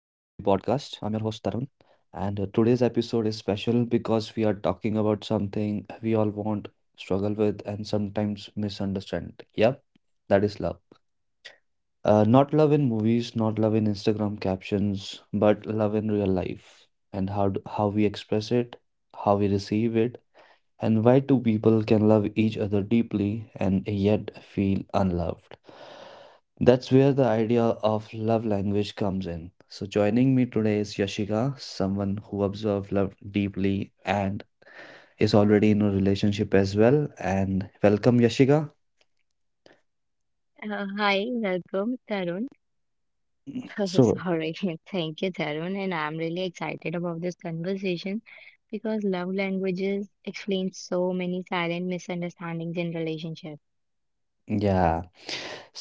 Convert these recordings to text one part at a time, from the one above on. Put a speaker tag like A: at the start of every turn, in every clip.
A: I'm your host, Tarun, and today's episode is special because we are talking about something we all want, struggle with, and sometimes misunderstand. Yep, that is love. Not love in movies, not love in Instagram captions, but love in real life and how we express it, how we receive it, and why two people can love each other deeply and yet feel unloved. That's where the idea of love language comes in. So joining me today is Yashika, someone who observes love deeply and is already in a relationship as well. And welcome, Yashika.
B: Hi, welcome, Tarun.
A: So
B: Sorry, thank you, Tarun. And I'm really excited about this conversation because love languages explain so many silent misunderstandings in relationships.
A: yeah.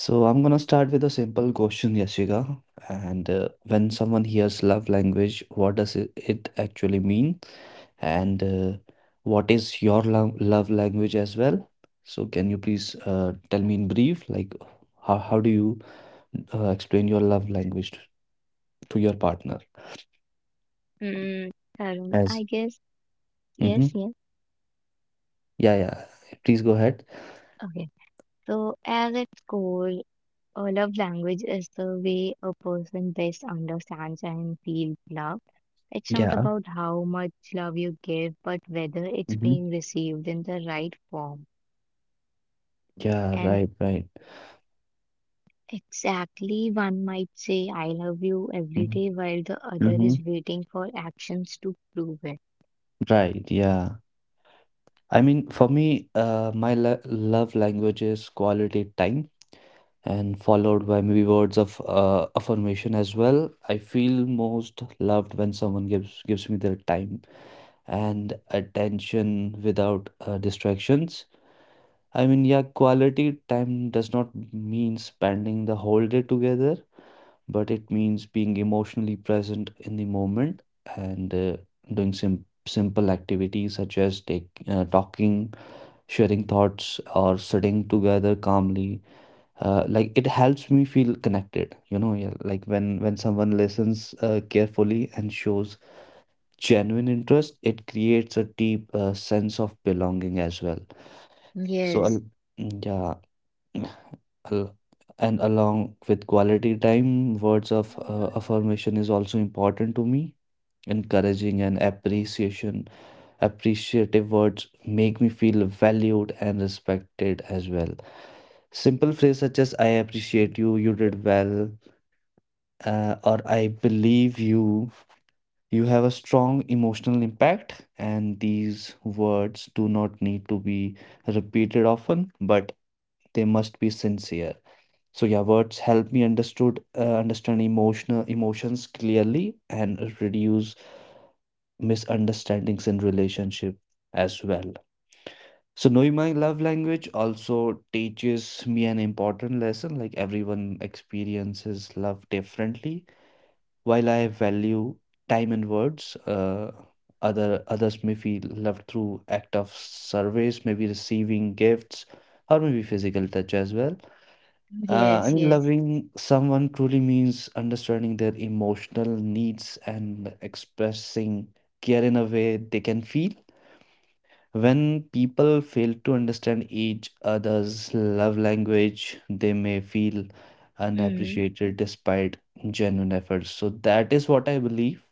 A: So I'm gonna start with a simple question, Yashika. And when someone hears love language, what does it actually mean? And What is your love language as well? So can you please tell me in brief, like how do you explain your love language to your partner?
B: Mm, Tarun, I
A: As
B: guess, yes,
A: mm-hmm.
B: yes.
A: Yeah, yeah. Please go ahead.
B: Okay. So, as its core, a love language is the way a person best understands and feels loved. It's not
A: Yeah.
B: about how much love you give, but whether it's
A: Mm-hmm.
B: being received in the right form.
A: Yeah,
B: And
A: right, right.
B: exactly, one might say, I love you every day,
A: Mm-hmm.
B: while the other is
A: Mm-hmm.
B: waiting for actions to prove it.
A: Right, yeah. I mean, for me, love language is quality time and followed by maybe words of affirmation as well. I feel most loved when someone gives me their time and attention without distractions. I mean, yeah, quality time does not mean spending the whole day together, but it means being emotionally present in the moment, and doing simple activities such as take talking, sharing thoughts, or sitting together calmly, like it helps me feel connected, you know. Yeah, like when someone listens carefully and shows genuine interest, it creates a deep sense of belonging as well. so
B: Yes,
A: al- yeah. al- and along with quality time, words of affirmation is also important to me. Encouraging and appreciation Appreciative words make me feel valued and respected as well. Simple phrases such as I appreciate you, you did well, or I believe you, you have a strong emotional impact. And these words do not need to be repeated often, but they must be sincere. So yeah, words help me understood understand emotional emotions clearly and reduce misunderstandings in relationship as well. So knowing my love language also teaches me an important lesson, like everyone experiences love differently. While I value time and words, others may feel loved through act of service, maybe receiving gifts, or maybe physical touch as well.
B: yes,
A: I mean,
B: yes.
A: loving someone truly means understanding their emotional needs and expressing care in a way they can feel. When people fail to understand each other's love language, they may feel
B: Hmm.
A: unappreciated despite genuine efforts. So that is what I believe.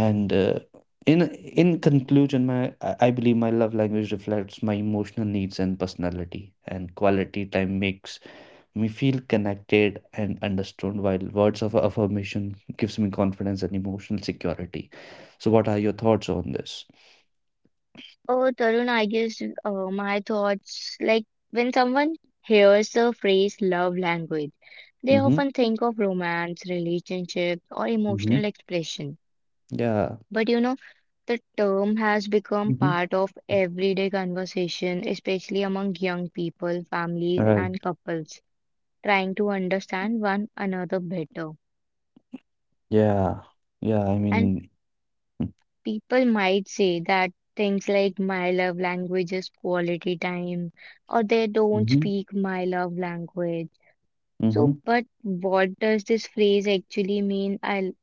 A: And In conclusion, my I believe my love language reflects my emotional needs and personality. And quality time makes me feel connected and understood, while words of affirmation gives me confidence and emotional security. So, what are your thoughts on this?
B: Oh, Tarun, I guess my thoughts like when someone hears the phrase love language, they
A: Mm-hmm.
B: often think of romance, relationship, or emotional
A: Mm-hmm.
B: expression.
A: Yeah.
B: But you know, the term has become part of everyday conversation, especially among young people, families,
A: Right.
B: and couples trying to understand one another better.
A: Yeah. Yeah. I
B: And
A: mean,
B: people might say that things like my love language is quality time, or they don't
A: mm-hmm.
B: speak my love language.
A: Mm-hmm.
B: So, but what does this phrase actually mean? I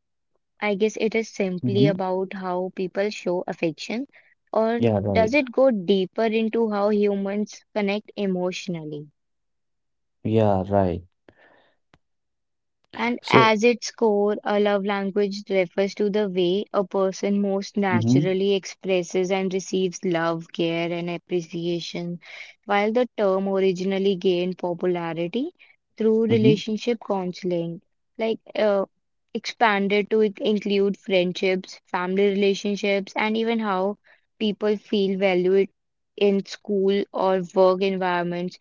B: I guess it is simply
A: Mm-hmm.
B: about how people show affection, or
A: Yeah.
B: does
A: Right.
B: it go deeper into how humans connect emotionally?
A: Yeah. Right.
B: And
A: So,
B: as its core, a love language refers to the way a person most
A: mm-hmm.
B: naturally expresses and receives love, care, and appreciation. While the term originally gained popularity through
A: Mm-hmm.
B: relationship counseling, like expanded to include friendships, family relationships, and even how people feel valued in school or work environments.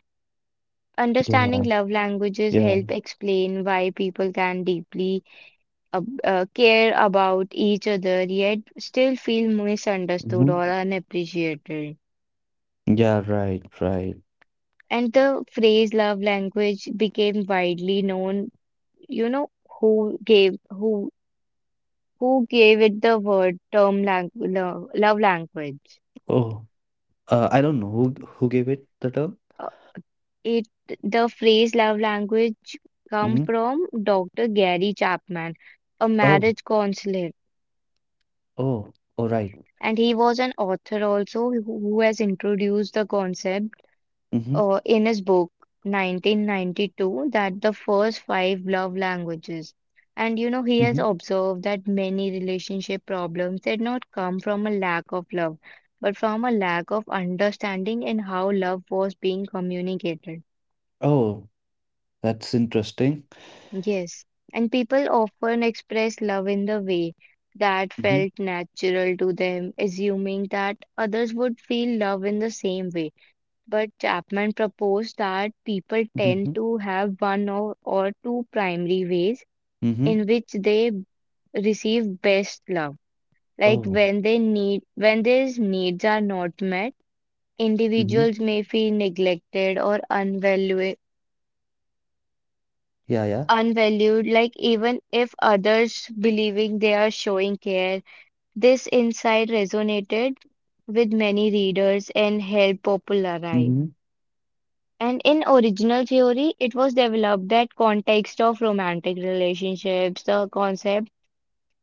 B: Understanding
A: Yeah.
B: love languages
A: Yeah.
B: help explain why people can deeply care about each other yet still feel misunderstood or
A: Mm-hmm.
B: unappreciated.
A: Yeah. Right. Right.
B: And the phrase love language became widely known. You know who gave who gave it the word term love language.
A: Oh, I don't know who gave it the term.
B: Uh, It the phrase love language come
A: Mm-hmm.
B: from Dr. Gary Chapman, a
A: Oh.
B: marriage counselor.
A: Oh. Oh. Right. Mm, right.
B: And he was an author also who has introduced the concept
A: Mm-hmm.
B: in his book 1992 that the first five love languages. And you know, he has
A: Mm-hmm.
B: observed that many relationship problems did not come from a lack of love, but from a lack of understanding in how love was being communicated.
A: Oh, that's interesting.
B: Yes, and people often express love in the way that
A: Mm-hmm.
B: felt natural to them, assuming that others would feel love in the same way. But Chapman proposed that people tend
A: Mm-hmm.
B: to have one or two primary ways
A: Mm-hmm.
B: in which they receive best love. Like
A: Oh.
B: when they need when their needs are not met,
A: Mm-hmm.
B: individuals may feel neglected or
A: Yeah. Yeah.
B: unvalued, like even if others believing they are showing care. This insight resonated with many readers and helped popularize.
A: Mm-hmm.
B: And in original theory, it was developed that context of romantic relationships, the concept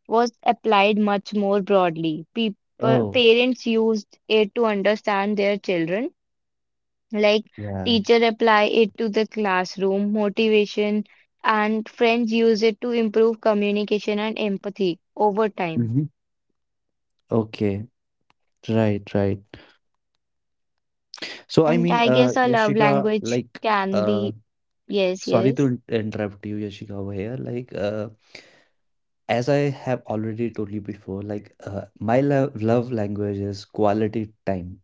B: was applied much more broadly. People,
A: Oh.
B: parents used it to understand their children, like
A: Yeah.
B: teacher apply it to the classroom, motivation, and friends use it to improve communication and empathy over time.
A: Mm-hmm. Okay. Right. Right. So I
B: And
A: mean,
B: I guess a love
A: Yashika,
B: language
A: like,
B: can be
A: uh,
B: yes,
A: sorry to
B: yes.
A: interrupt you, Yashika, over here. Like, as I have already told you before, like, my lo love language is quality time.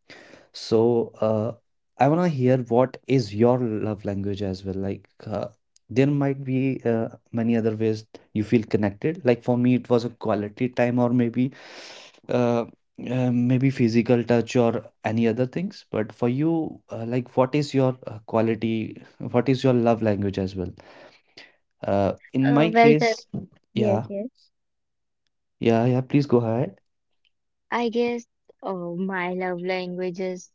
A: So, I want to hear what is your love language as well. Like, there might be many other ways you feel connected. Like for me, it was a quality time, or maybe, uh, maybe physical touch or any other things. But for you, like, what is your quality? What is your love language as well? In my
B: Well, sir.
A: case,
B: Yes,
A: yeah,
B: yes.
A: yeah. Please go ahead.
B: I guess oh, my love language is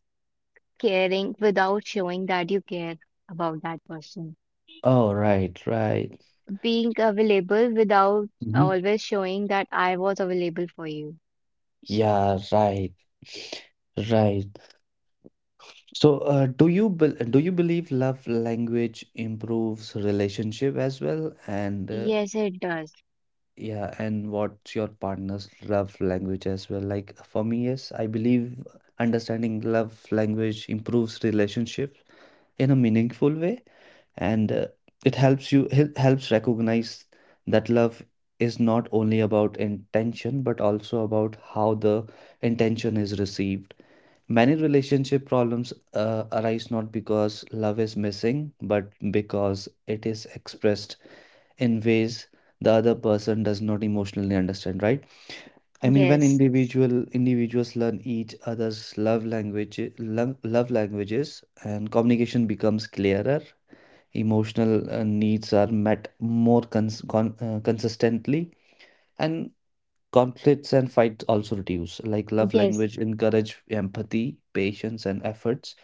B: caring without showing that you care about that person.
A: Oh, right, right.
B: Being available without
A: Hmm.
B: always showing that I was available for you.
A: Yeah, right. Right. So, do you believe love language improves relationship as well? And
B: Yes, it does.
A: yeah, and what's your partner's love language as well? Like for me, yes, I believe understanding love language improves relationship in a meaningful way, and it helps recognize that love is not only about intention but also about how the intention is received. Many relationship problems arise not because love is missing, but because it is expressed in ways the other person does not emotionally understand, right? I mean, when
B: Yes,
A: individuals learn each other's love languages, and communication becomes clearer, emotional needs are met more consistently, and conflicts and fights also reduce. Like love
B: yes.
A: language encourage empathy, patience, and efforts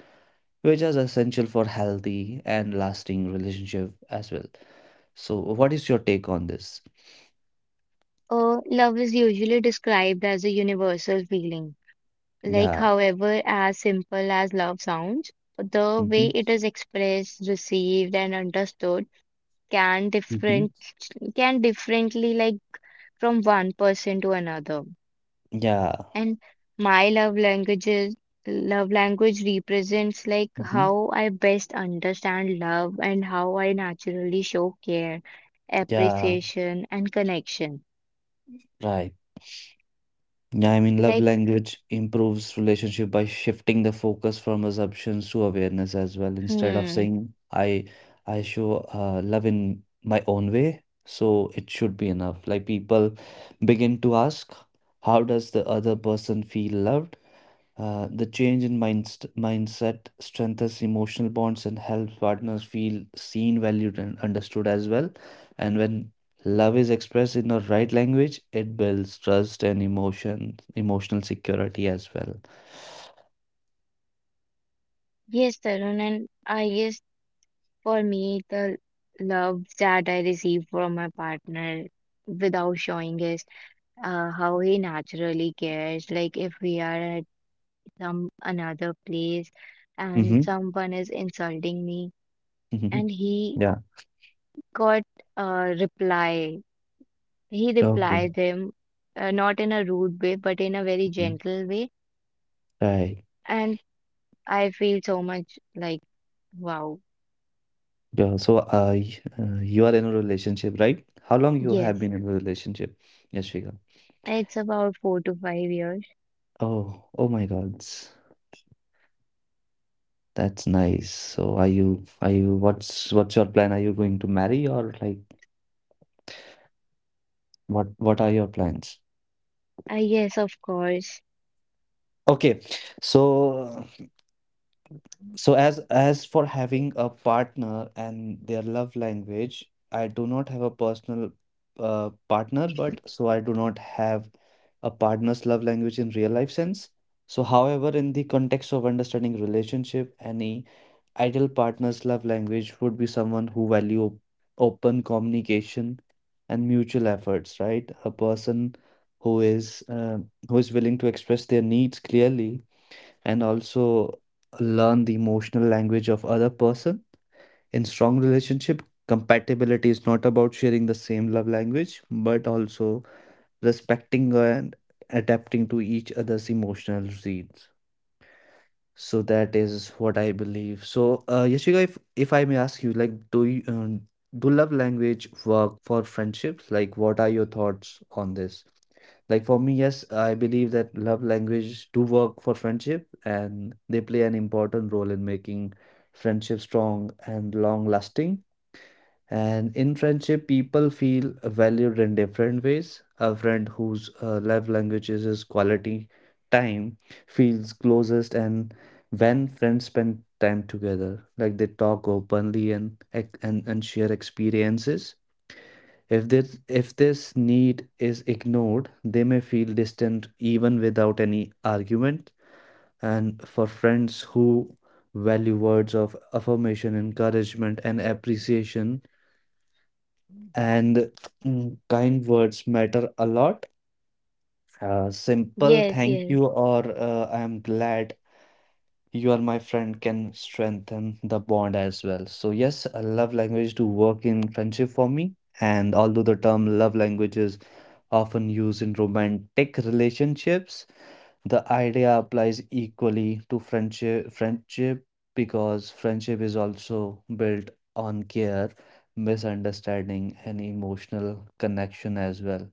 A: which is essential for healthy and lasting relationship as well. So, what is your take on this?
B: Oh, love is usually described as a universal feeling. Like,
A: Yeah.
B: however, as simple as love sounds, the way
A: Mm-hmm.
B: it is expressed, received, and understood can
A: Mm-hmm.
B: different can differently like from one person to another.
A: Yeah.
B: And my love languages, love language represents like
A: Mm-hmm.
B: how I best understand love and how I naturally show care,
A: Yeah.
B: appreciation, and connection.
A: Right. Yeah, I mean, love
B: Like,
A: language improves relationship by shifting the focus from assumptions to awareness as well. Instead of
B: hmm,
A: saying I show love in my own way, so it should be enough. Like people begin to ask, how does the other person feel loved? The change in mindst mindset strengthens emotional bonds and helps partners feel seen, valued, and understood as well. And when love is expressed in the right language, it builds trust and emotional security as well.
B: yes, Tarun, and I guess for me, the love that I receive from my partner without showing is how he naturally cares. Like, if we are at some another place and
A: Mm-hmm.
B: someone is insulting me,
A: Mm-hmm.
B: and he
A: Yeah.
B: got a reply. He
A: Okay.
B: replied them not in a rude way, but in a very
A: Mhm.
B: gentle way.
A: Right.
B: And I feel so much like, wow,
A: Yeah. So, you are in a relationship, right? How long you have
B: yes,
A: been in a relationship, Yashvika?
B: it's about 4 to 5 years.
A: Oh, oh my God. That's nice. So are you, what's your plan? Are you going to marry or like what are your plans?
B: Ah, yes, of course.
A: Okay. So, as for having a partner and their love language, I do not have a personal partner, but so I do not have a partner's love language in real life sense. So, however, in the context of understanding relationship, any ideal partner's love language would be someone who value open communication and mutual efforts, right? A person who is uh, who is willing to express their needs clearly and also learn the emotional language of other person in strong relationship. Compatibility is not about sharing the same love language but also respecting and adapting to each other's emotional needs. So that is what I believe. So Yashika, if I may ask you, like, do you do love language work for friendships? Like, what are your thoughts on this? Like for me, yes, I believe that love language do work for friendship and they play an important role in making friendship strong and long lasting. And in friendship, people feel valued in different ways. A friend whose love language is his quality time feels closest, and when friends spend time together, like they talk openly and and share experiences. If this need is ignored, they may feel distant even without any argument. And for friends who value words of affirmation, encouragement, and appreciation, and mm, kind words matter a lot. Simple
B: Yes,
A: thank
B: yes,
A: you or I am glad you are my friend can strengthen the bond as well. So yes, a love language do work in friendship for me. And although the term love language is often used in romantic relationships, the idea applies equally to friendship, because friendship is also built on care, misunderstanding, and emotional connection as well.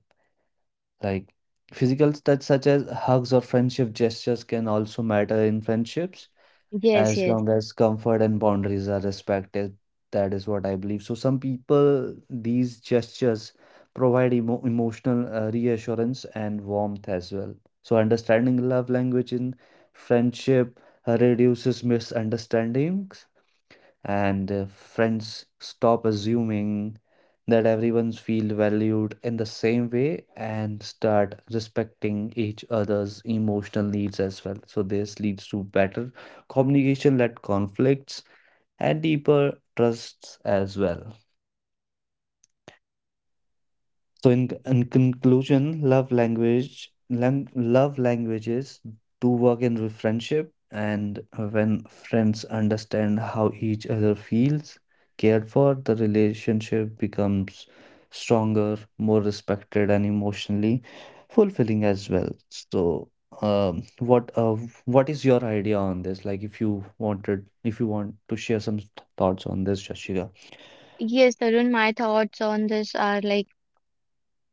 A: Like physical touch such as hugs or friendship gestures can also matter in friendships,
B: yes,
A: as
B: yes.
A: long as comfort and boundaries are respected. That is what I believe. So some people, these gestures provide emotional reassurance and warmth as well. So understanding love language in friendship reduces misunderstandings, and friends stop assuming that everyone's feel valued in the same way and start respecting each other's emotional needs as well. So this leads to better communication-led conflicts and deeper trusts as well. So in conclusion, love languages do work in friendship, and when friends understand how each other feels cared for, the relationship becomes stronger, more respected, and emotionally fulfilling as well. So, um, what uh, what is your idea on this? Like, if you wanted, if you want to share some thoughts on this, Shashika.
B: Yes, Tarun, my thoughts on this are like,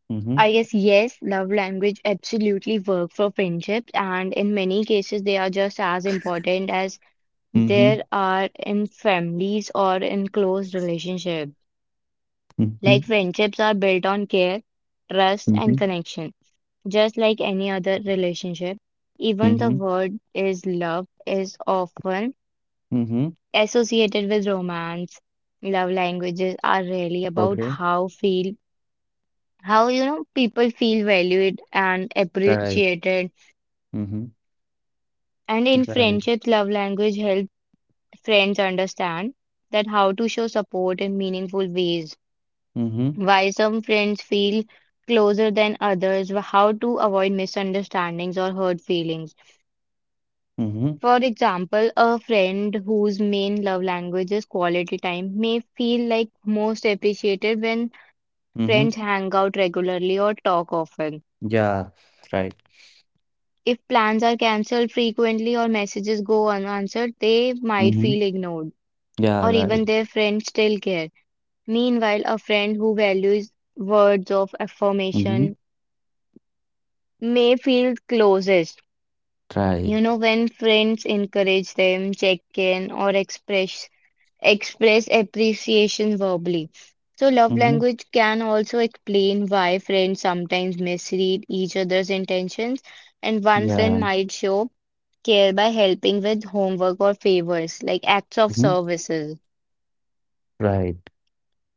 A: Mm-hmm.
B: I guess, yes, love language absolutely work for friendships, and in many cases, they are just as important as
A: Mm-hmm.
B: there are in families or in close relationships.
A: Mm-hmm.
B: Like friendships are built on care, trust,
A: Mm-hmm.
B: and connection. Just like any other relationship, even the
A: Mm-hmm.
B: word is love is often
A: Mm-hmm.
B: associated with romance. Love languages are really about
A: Okay.
B: how feel how you know people feel valued and
A: Right.
B: appreciated.
A: Mm-hmm.
B: And in
A: Right.
B: friendships, love language helps friends understand that how to show support in meaningful ways.
A: Mm-hmm.
B: Why some friends feel closer than others, how to avoid misunderstandings or hurt feelings.
A: Mm-hmm.
B: For example, a friend whose main love language is quality time may feel like most appreciated when
A: Mm-hmm.
B: friends hang out regularly or talk often.
A: Yeah. Right.
B: If plans are cancelled frequently or messages go unanswered, they might
A: Mm-hmm.
B: feel ignored,
A: Yeah.
B: or
A: Right.
B: even their friends still care. Meanwhile, a friend who values words of
A: Mm-hmm.
B: affirmation may feel closest.
A: Right.
B: You know, when friends encourage them, check in, or express appreciation verbally. So love
A: Mm-hmm.
B: language can also explain why friends sometimes misread each other's intentions, and one friend
A: Yeah.
B: might show care by helping with homework or favors, like acts of
A: Mm-hmm.
B: services.
A: Right.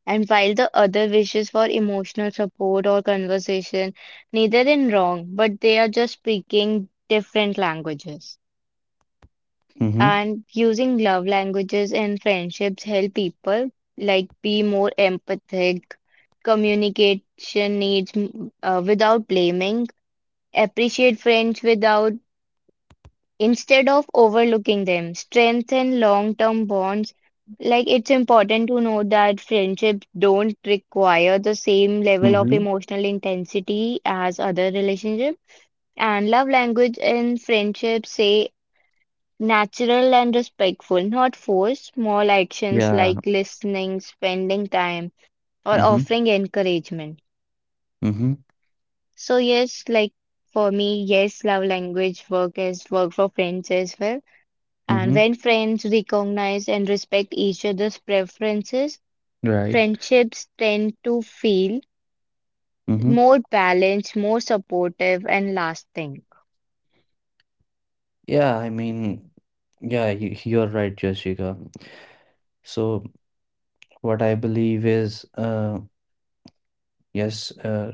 B: And while the other wishes for emotional support or conversation, neither in wrong, but they are just speaking different languages.
A: Mm-hmm.
B: And using love languages in friendships help people like be more empathic communication needs without blaming appreciate friends without instead of overlooking them strengthen long-term bonds, like it's important to know that friendships don't require the same level of
A: Mm-hmm.
B: emotional intensity as other relationships. And love language in friendships say natural and respectful, not forced, small actions
A: Yeah.
B: like listening, spending time, or
A: Mm-hmm.
B: offering encouragement.
A: Mm-hmm.
B: So, yes, like for me, yes, love language work is work for friends as well. And
A: Mm-hmm.
B: when friends recognize and respect each other's preferences,
A: Right.
B: friendships tend to feel
A: Mm-hmm.
B: more balanced, more supportive, and lasting.
A: Yeah. I mean, yeah, you're right, Jessica. So what I believe is, yes,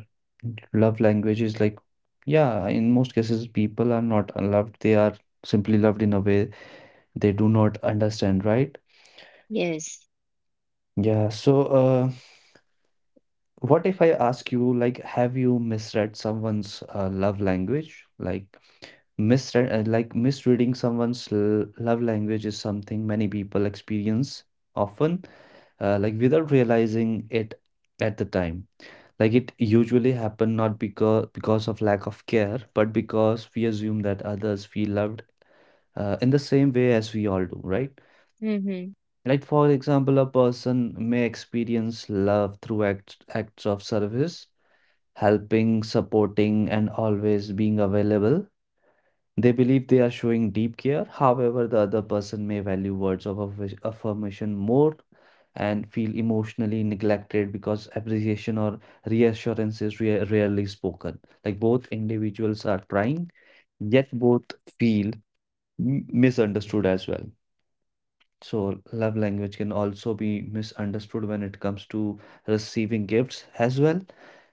A: love language is like, yeah, in most cases, people are not loved. They are simply loved in a way they do not understand, right?
B: Yes.
A: Yeah, so what if I ask you, like, have you misread someone's love language? Like, like misreading someone's love language is something many people experience often, like without realizing it at the time. Like it usually happen not because of lack of care, but because we assume that others feel loved in the same way as we all do, right?
B: Mm-hmm.
A: Like for example, a person may experience love through acts of service, helping, supporting, and always being available. They believe they are showing deep care. However, the other person may value words of affirmation more and feel emotionally neglected because appreciation or reassurance is rarely spoken. Like both individuals are trying, yet both feel misunderstood as well. So, love language can also be misunderstood when it comes to receiving gifts as well,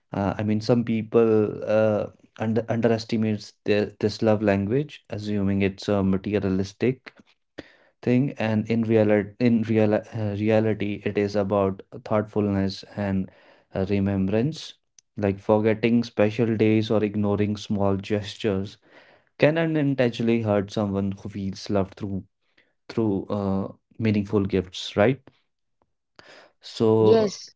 A: some people underestimates their, this love language, assuming it's a materialistic thing, and in real reality, it is about thoughtfulness and remembrance. Like forgetting special days or ignoring small gestures can unintentionally hurt someone who feels loved through meaningful gifts, right? So,
B: Yes.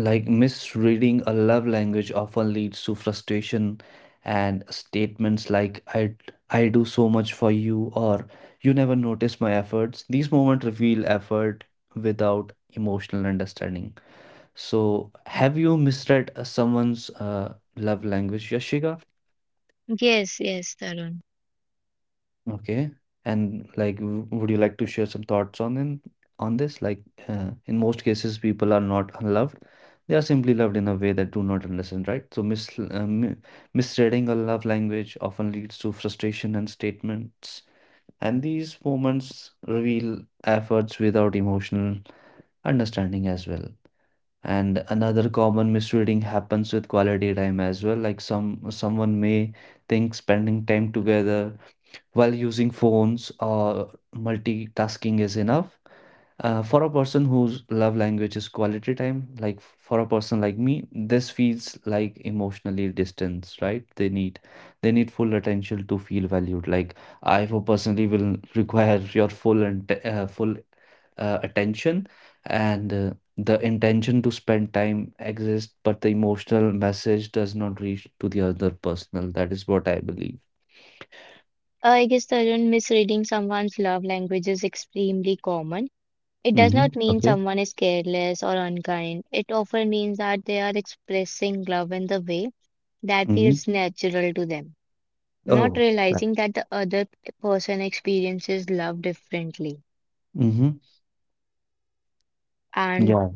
A: like misreading a love language often leads to frustration and statements like I do so much for you, or you never notice my efforts. These moments reveal effort without emotional understanding. So, have you misread someone's love language, Yashika?
B: Yes, yes, Tarun.
A: Okay. And like, would you like to share some thoughts on this? Like, in most cases, people are not unloved. They are simply loved in a way that do not understand, right? So misreading a love language often leads to frustration and statements. And these moments reveal efforts without emotional understanding as well. And another common misreading happens with quality time as well. Like someone may think spending time together while using phones or multitasking is enough. For a person whose love language is quality time, like for a person like me, this feels like emotionally distance, right? They need full attention to feel valued. Like I for personally will require your full and full attention, and the intention to spend time exists, but the emotional message does not reach to the other personal. That is what I believe.
B: I guess Tarun, misreading someone's love language is extremely common. It does not
A: Mm-hmm.
B: mean
A: Okay.
B: someone is careless or unkind. It often means that they are expressing love in the way that feels
A: Mhm.
B: natural to them, not
A: Oh, right.
B: realizing that the other person experiences love differently.
A: Mm-hmm.
B: And
A: Yeah.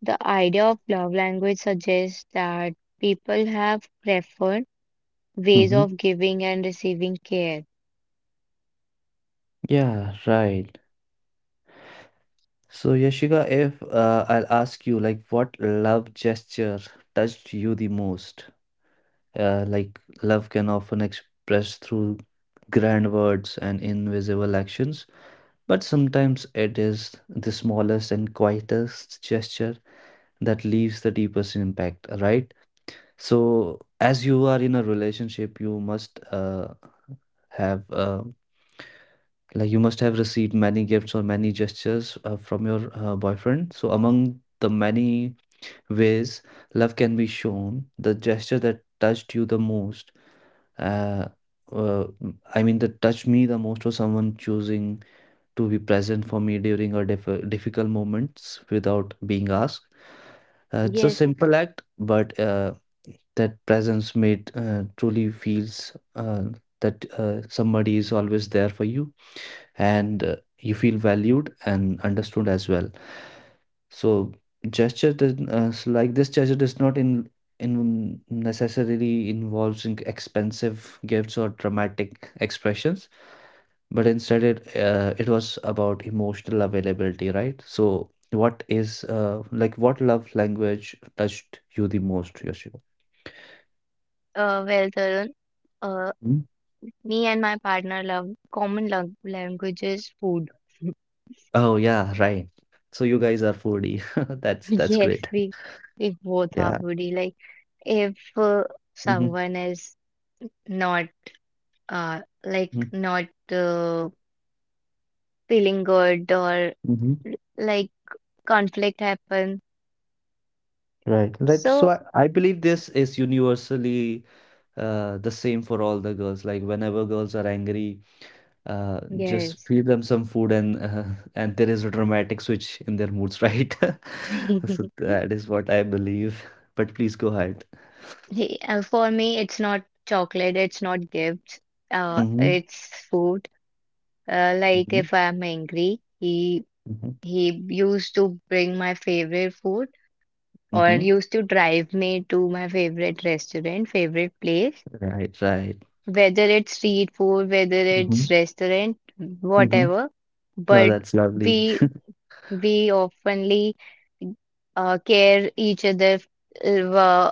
B: the idea of love language suggests that people have preferred ways
A: Mm-hmm.
B: of giving and receiving care.
A: Yeah, right. So, Yashika, if I'll ask you, like, what love gesture touched you the most? Like, love can often express through grand words and invisible actions, but sometimes it is the smallest and quietest gesture that leaves the deepest impact, right? So, as you are in a relationship, you must have like you must have received many gifts or many gestures from your boyfriend. So, among the many ways love can be shown, the gesture that touched you the most, uh, uh, that touched me the most was someone choosing to be present for me during a difficult moments without being asked. It's a
B: Yes,
A: simple act, but that presence made truly feels that somebody is always there for you, and you feel valued and understood as well. So gesture does, so like this gesture does not in necessarily involves in expensive gifts or dramatic expressions, but instead it was about emotional availability, right? So what is like what love language touched you the most, Yoshio?
B: well, Tarun. Uh,
A: Hmm?
B: Me and my partner love common language is food.
A: Oh, yeah, right. So you guys are foodie. That's
B: Yes,
A: great.
B: we both are
A: Yeah.
B: foodie. Like if
A: Hmm.
B: someone is not uh like not uh, feeling good or like conflict happen.
A: Right, right. So
B: So
A: I believe this is universally the same for all the girls. Like whenever girls are angry, just
B: yes,
A: feed them some food, and and there is a dramatic switch in their moods, right? So
B: he-
A: that is what I believe. But please go ahead.
B: for me it's not chocolate. It's not gifts.
A: Mm-hmm.
B: It's food. Like
A: Mm-hmm.
B: if I'm angry, he
A: Mm-hmm.
B: he used to bring my favorite food or
A: Hmm.
B: used to drive me to my favorite restaurant, favorite place,
A: Right, right.
B: whether it's street food, whether it's
A: Mm-hmm.
B: restaurant,
A: Mm-hmm.
B: whatever.
A: No,
B: But
A: that's lovely.
B: we we oftenly care each other uh,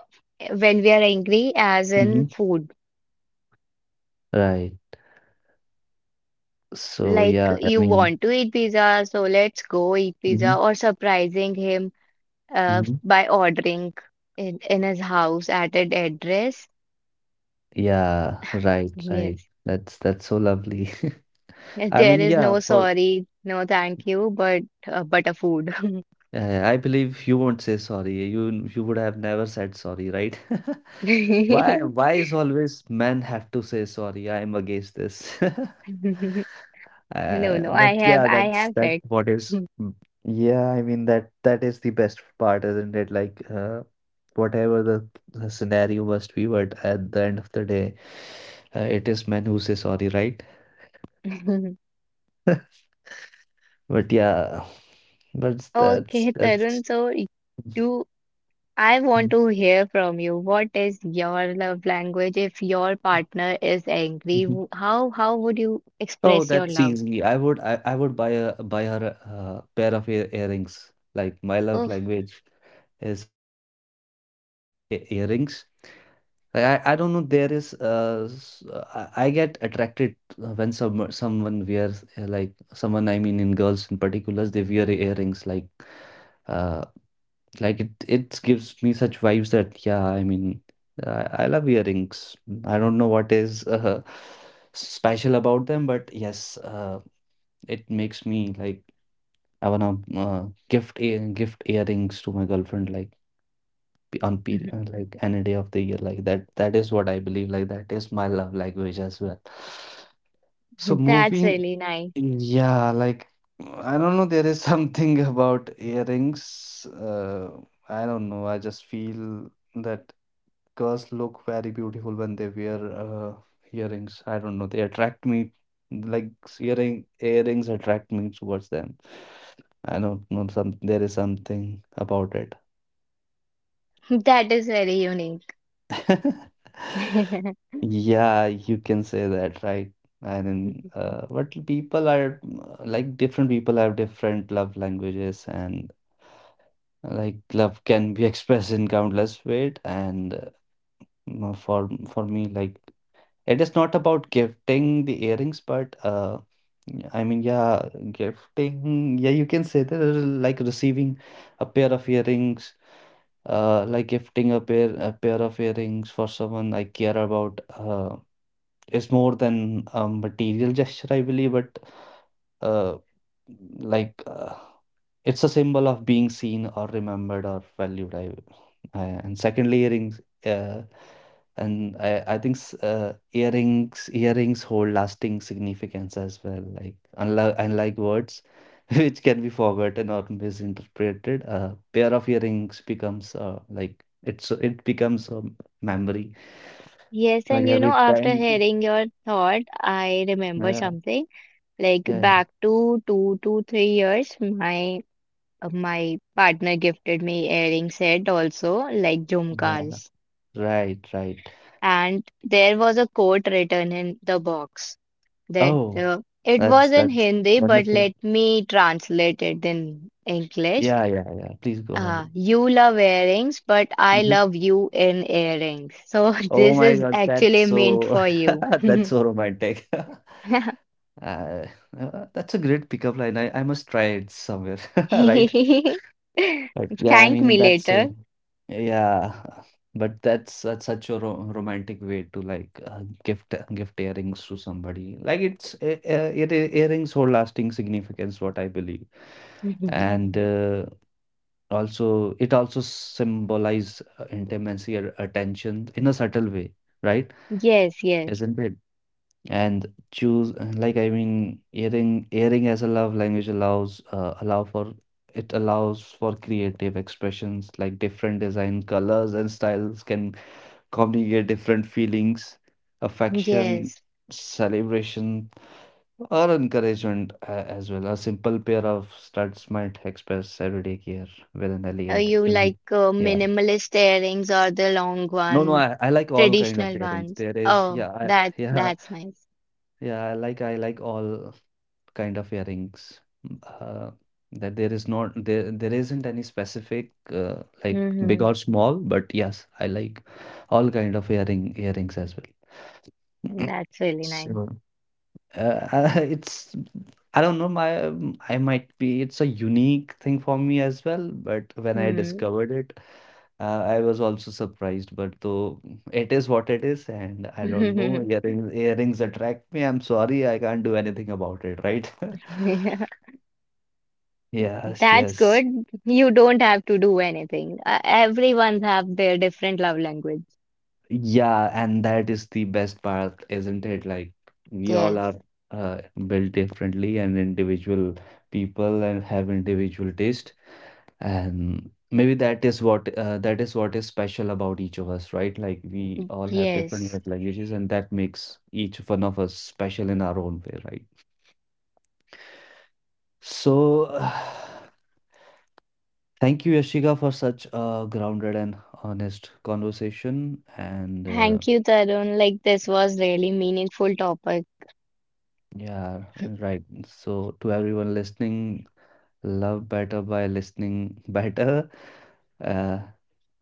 B: when we are angry, as in
A: Mm-hmm.
B: food.
A: Right. So
B: Like
A: yeah, I
B: you
A: mean,
B: want to eat pizza, so let's go eat
A: mm-hmm.
B: pizza, or surprising him by ordering in his house at an address.
A: Yeah, right, right.
B: Yes.
A: That's so lovely.
B: Yes,
A: I
B: there
A: mean,
B: is
A: yeah,
B: no
A: for
B: sorry, no thank you, but a food.
A: I believe you won't say sorry. You would have never said sorry, right? Why why is always men have to say sorry? I'm against this.
B: No, no,
A: But
B: I have
A: yeah,
B: I have
A: that's
B: it.
A: what is. Mm. Yeah, I mean that that is the best part, isn't it? Like whatever the scenario must be, but at the end of the day, it is men who say sorry, right? But yeah. But that's
B: Okay,
A: that's.
B: Tarun, so you I want to hear from you. What is your love language if your partner is angry? How would you
A: Oh,
B: express your
A: that's
B: love?
A: easy. I would buy her a pair of earrings. Like my love
B: Oh,
A: language is gifting earrings. Like I don't know. There is I get attracted when someone wears like someone, I mean in girls in particular, they wear earrings like uh like it gives me such vibes that yeah, I mean, I love earrings. I don't know what is special about them, but yes, it makes me like I wanna gift earrings to my girlfriend, like on period, like any day of the year, like that. That is what I believe. Like that is my love language as well. So
B: that's
A: moving,
B: really nice.
A: yeah, like I don't know, there is something about earrings. I don't know. I just feel that girls look very beautiful when they wear earrings. I don't know. They attract me. Like earrings attract me towards them. I don't know. Some there is something about it.
B: That is very unique.
A: Yeah, you can say that, right? And then, but people are like different people have different love languages, and like love can be expressed in countless ways, and for me, like it is not about gifting the earrings, but I mean yeah gifting, yeah, you can say that. Like receiving a pair of earrings, like gifting a pair of earrings for someone I care about is more than a material gesture, I believe, but uh like uh, it's a symbol of being seen or remembered or valued. I And secondly, earrings. I think earrings hold lasting significance as well. Like unlike words, which can be forgotten or misinterpreted, a pair of earrings becomes like it's it becomes a memory.
B: Yes,
A: Like
B: and you know,
A: every
B: after
A: time,
B: hearing your thought, I remember
A: yeah,
B: something. Like
A: yeah,
B: back to 2 to 3 years, my my partner gifted me earring set also, like
A: yeah.
B: jhumkas.
A: Right, right.
B: And there was a quote written in the box that
A: Oh,
B: it was in
A: that's
B: Hindi, but
A: wonderful.
B: let me translate it in English.
A: Yeah, yeah, yeah. Please go ahead.
B: You love earrings, but I
A: Mhm.
B: love you in earrings. So
A: Oh
B: this
A: my
B: is
A: God,
B: actually
A: that's
B: meant
A: so
B: for you.
A: that's so romantic. Uh, that's a great pickup line. I must try it somewhere, right? But yeah, I
B: Thank
A: mean
B: me
A: that's so
B: later.
A: yeah, but that's such a ro romantic way to like gift earrings to somebody. Like it's ear earrings hold lasting significance, what I believe. And also it also symbolize intimacy or attention in a subtle way, right?
B: Yes, yes,
A: Isn't it? And choose like I mean earring as a love language allow for, it allows for creative expressions, like different design colors and styles can communicate different feelings: affection,
B: yes.
A: celebration, or encouragement, as well. A simple pair of studs might express everyday care with an elegant
B: You
A: unique,
B: like
A: yeah.
B: minimalist earrings or the long
A: No, no,
B: one,
A: I like all kind of
B: traditional
A: earrings.
B: ones.
A: There is,
B: Oh,
A: yeah, I, yeah,
B: that's nice.
A: yeah. I like all kind of earrings. Mm, that there is not there isn't any specific like big
B: Hmm.
A: or small, but yes, I like all kind of earrings as well.
B: That's really nice.
A: So, it's I don't know, my I might be, it's a unique thing for me as well, but when I
B: Hmm.
A: discovered it I was also surprised, but though it is what it is, and I don't know, earrings attract me, I'm sorry, I can't do anything about it, right.
B: Yeah,
A: Yes,
B: that's
A: yes.
B: good. You don't have to do anything. Everyone have their different love language.
A: Yeah, and that is the best part, isn't it? Like we all are
B: Yes.
A: uh, built differently and individual people and have individual taste. And maybe that is what is special about each of us, right? Like we all have different
B: Yes.
A: love languages, and that makes each one of us special in our own way, right? So, thank you, Yashika, for such a grounded and honest conversation. And
B: Thank you, Tarun. Like this was really meaningful topic.
A: yeah, right. So, to everyone listening, love better by listening better. Uh,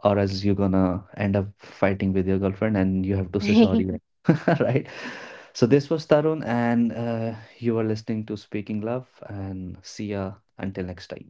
A: or else you're gonna end up fighting with your girlfriend and you have to say sorry, right? Right? So this was Tarun, and you were listening to Speaking Love, and see ya until next time.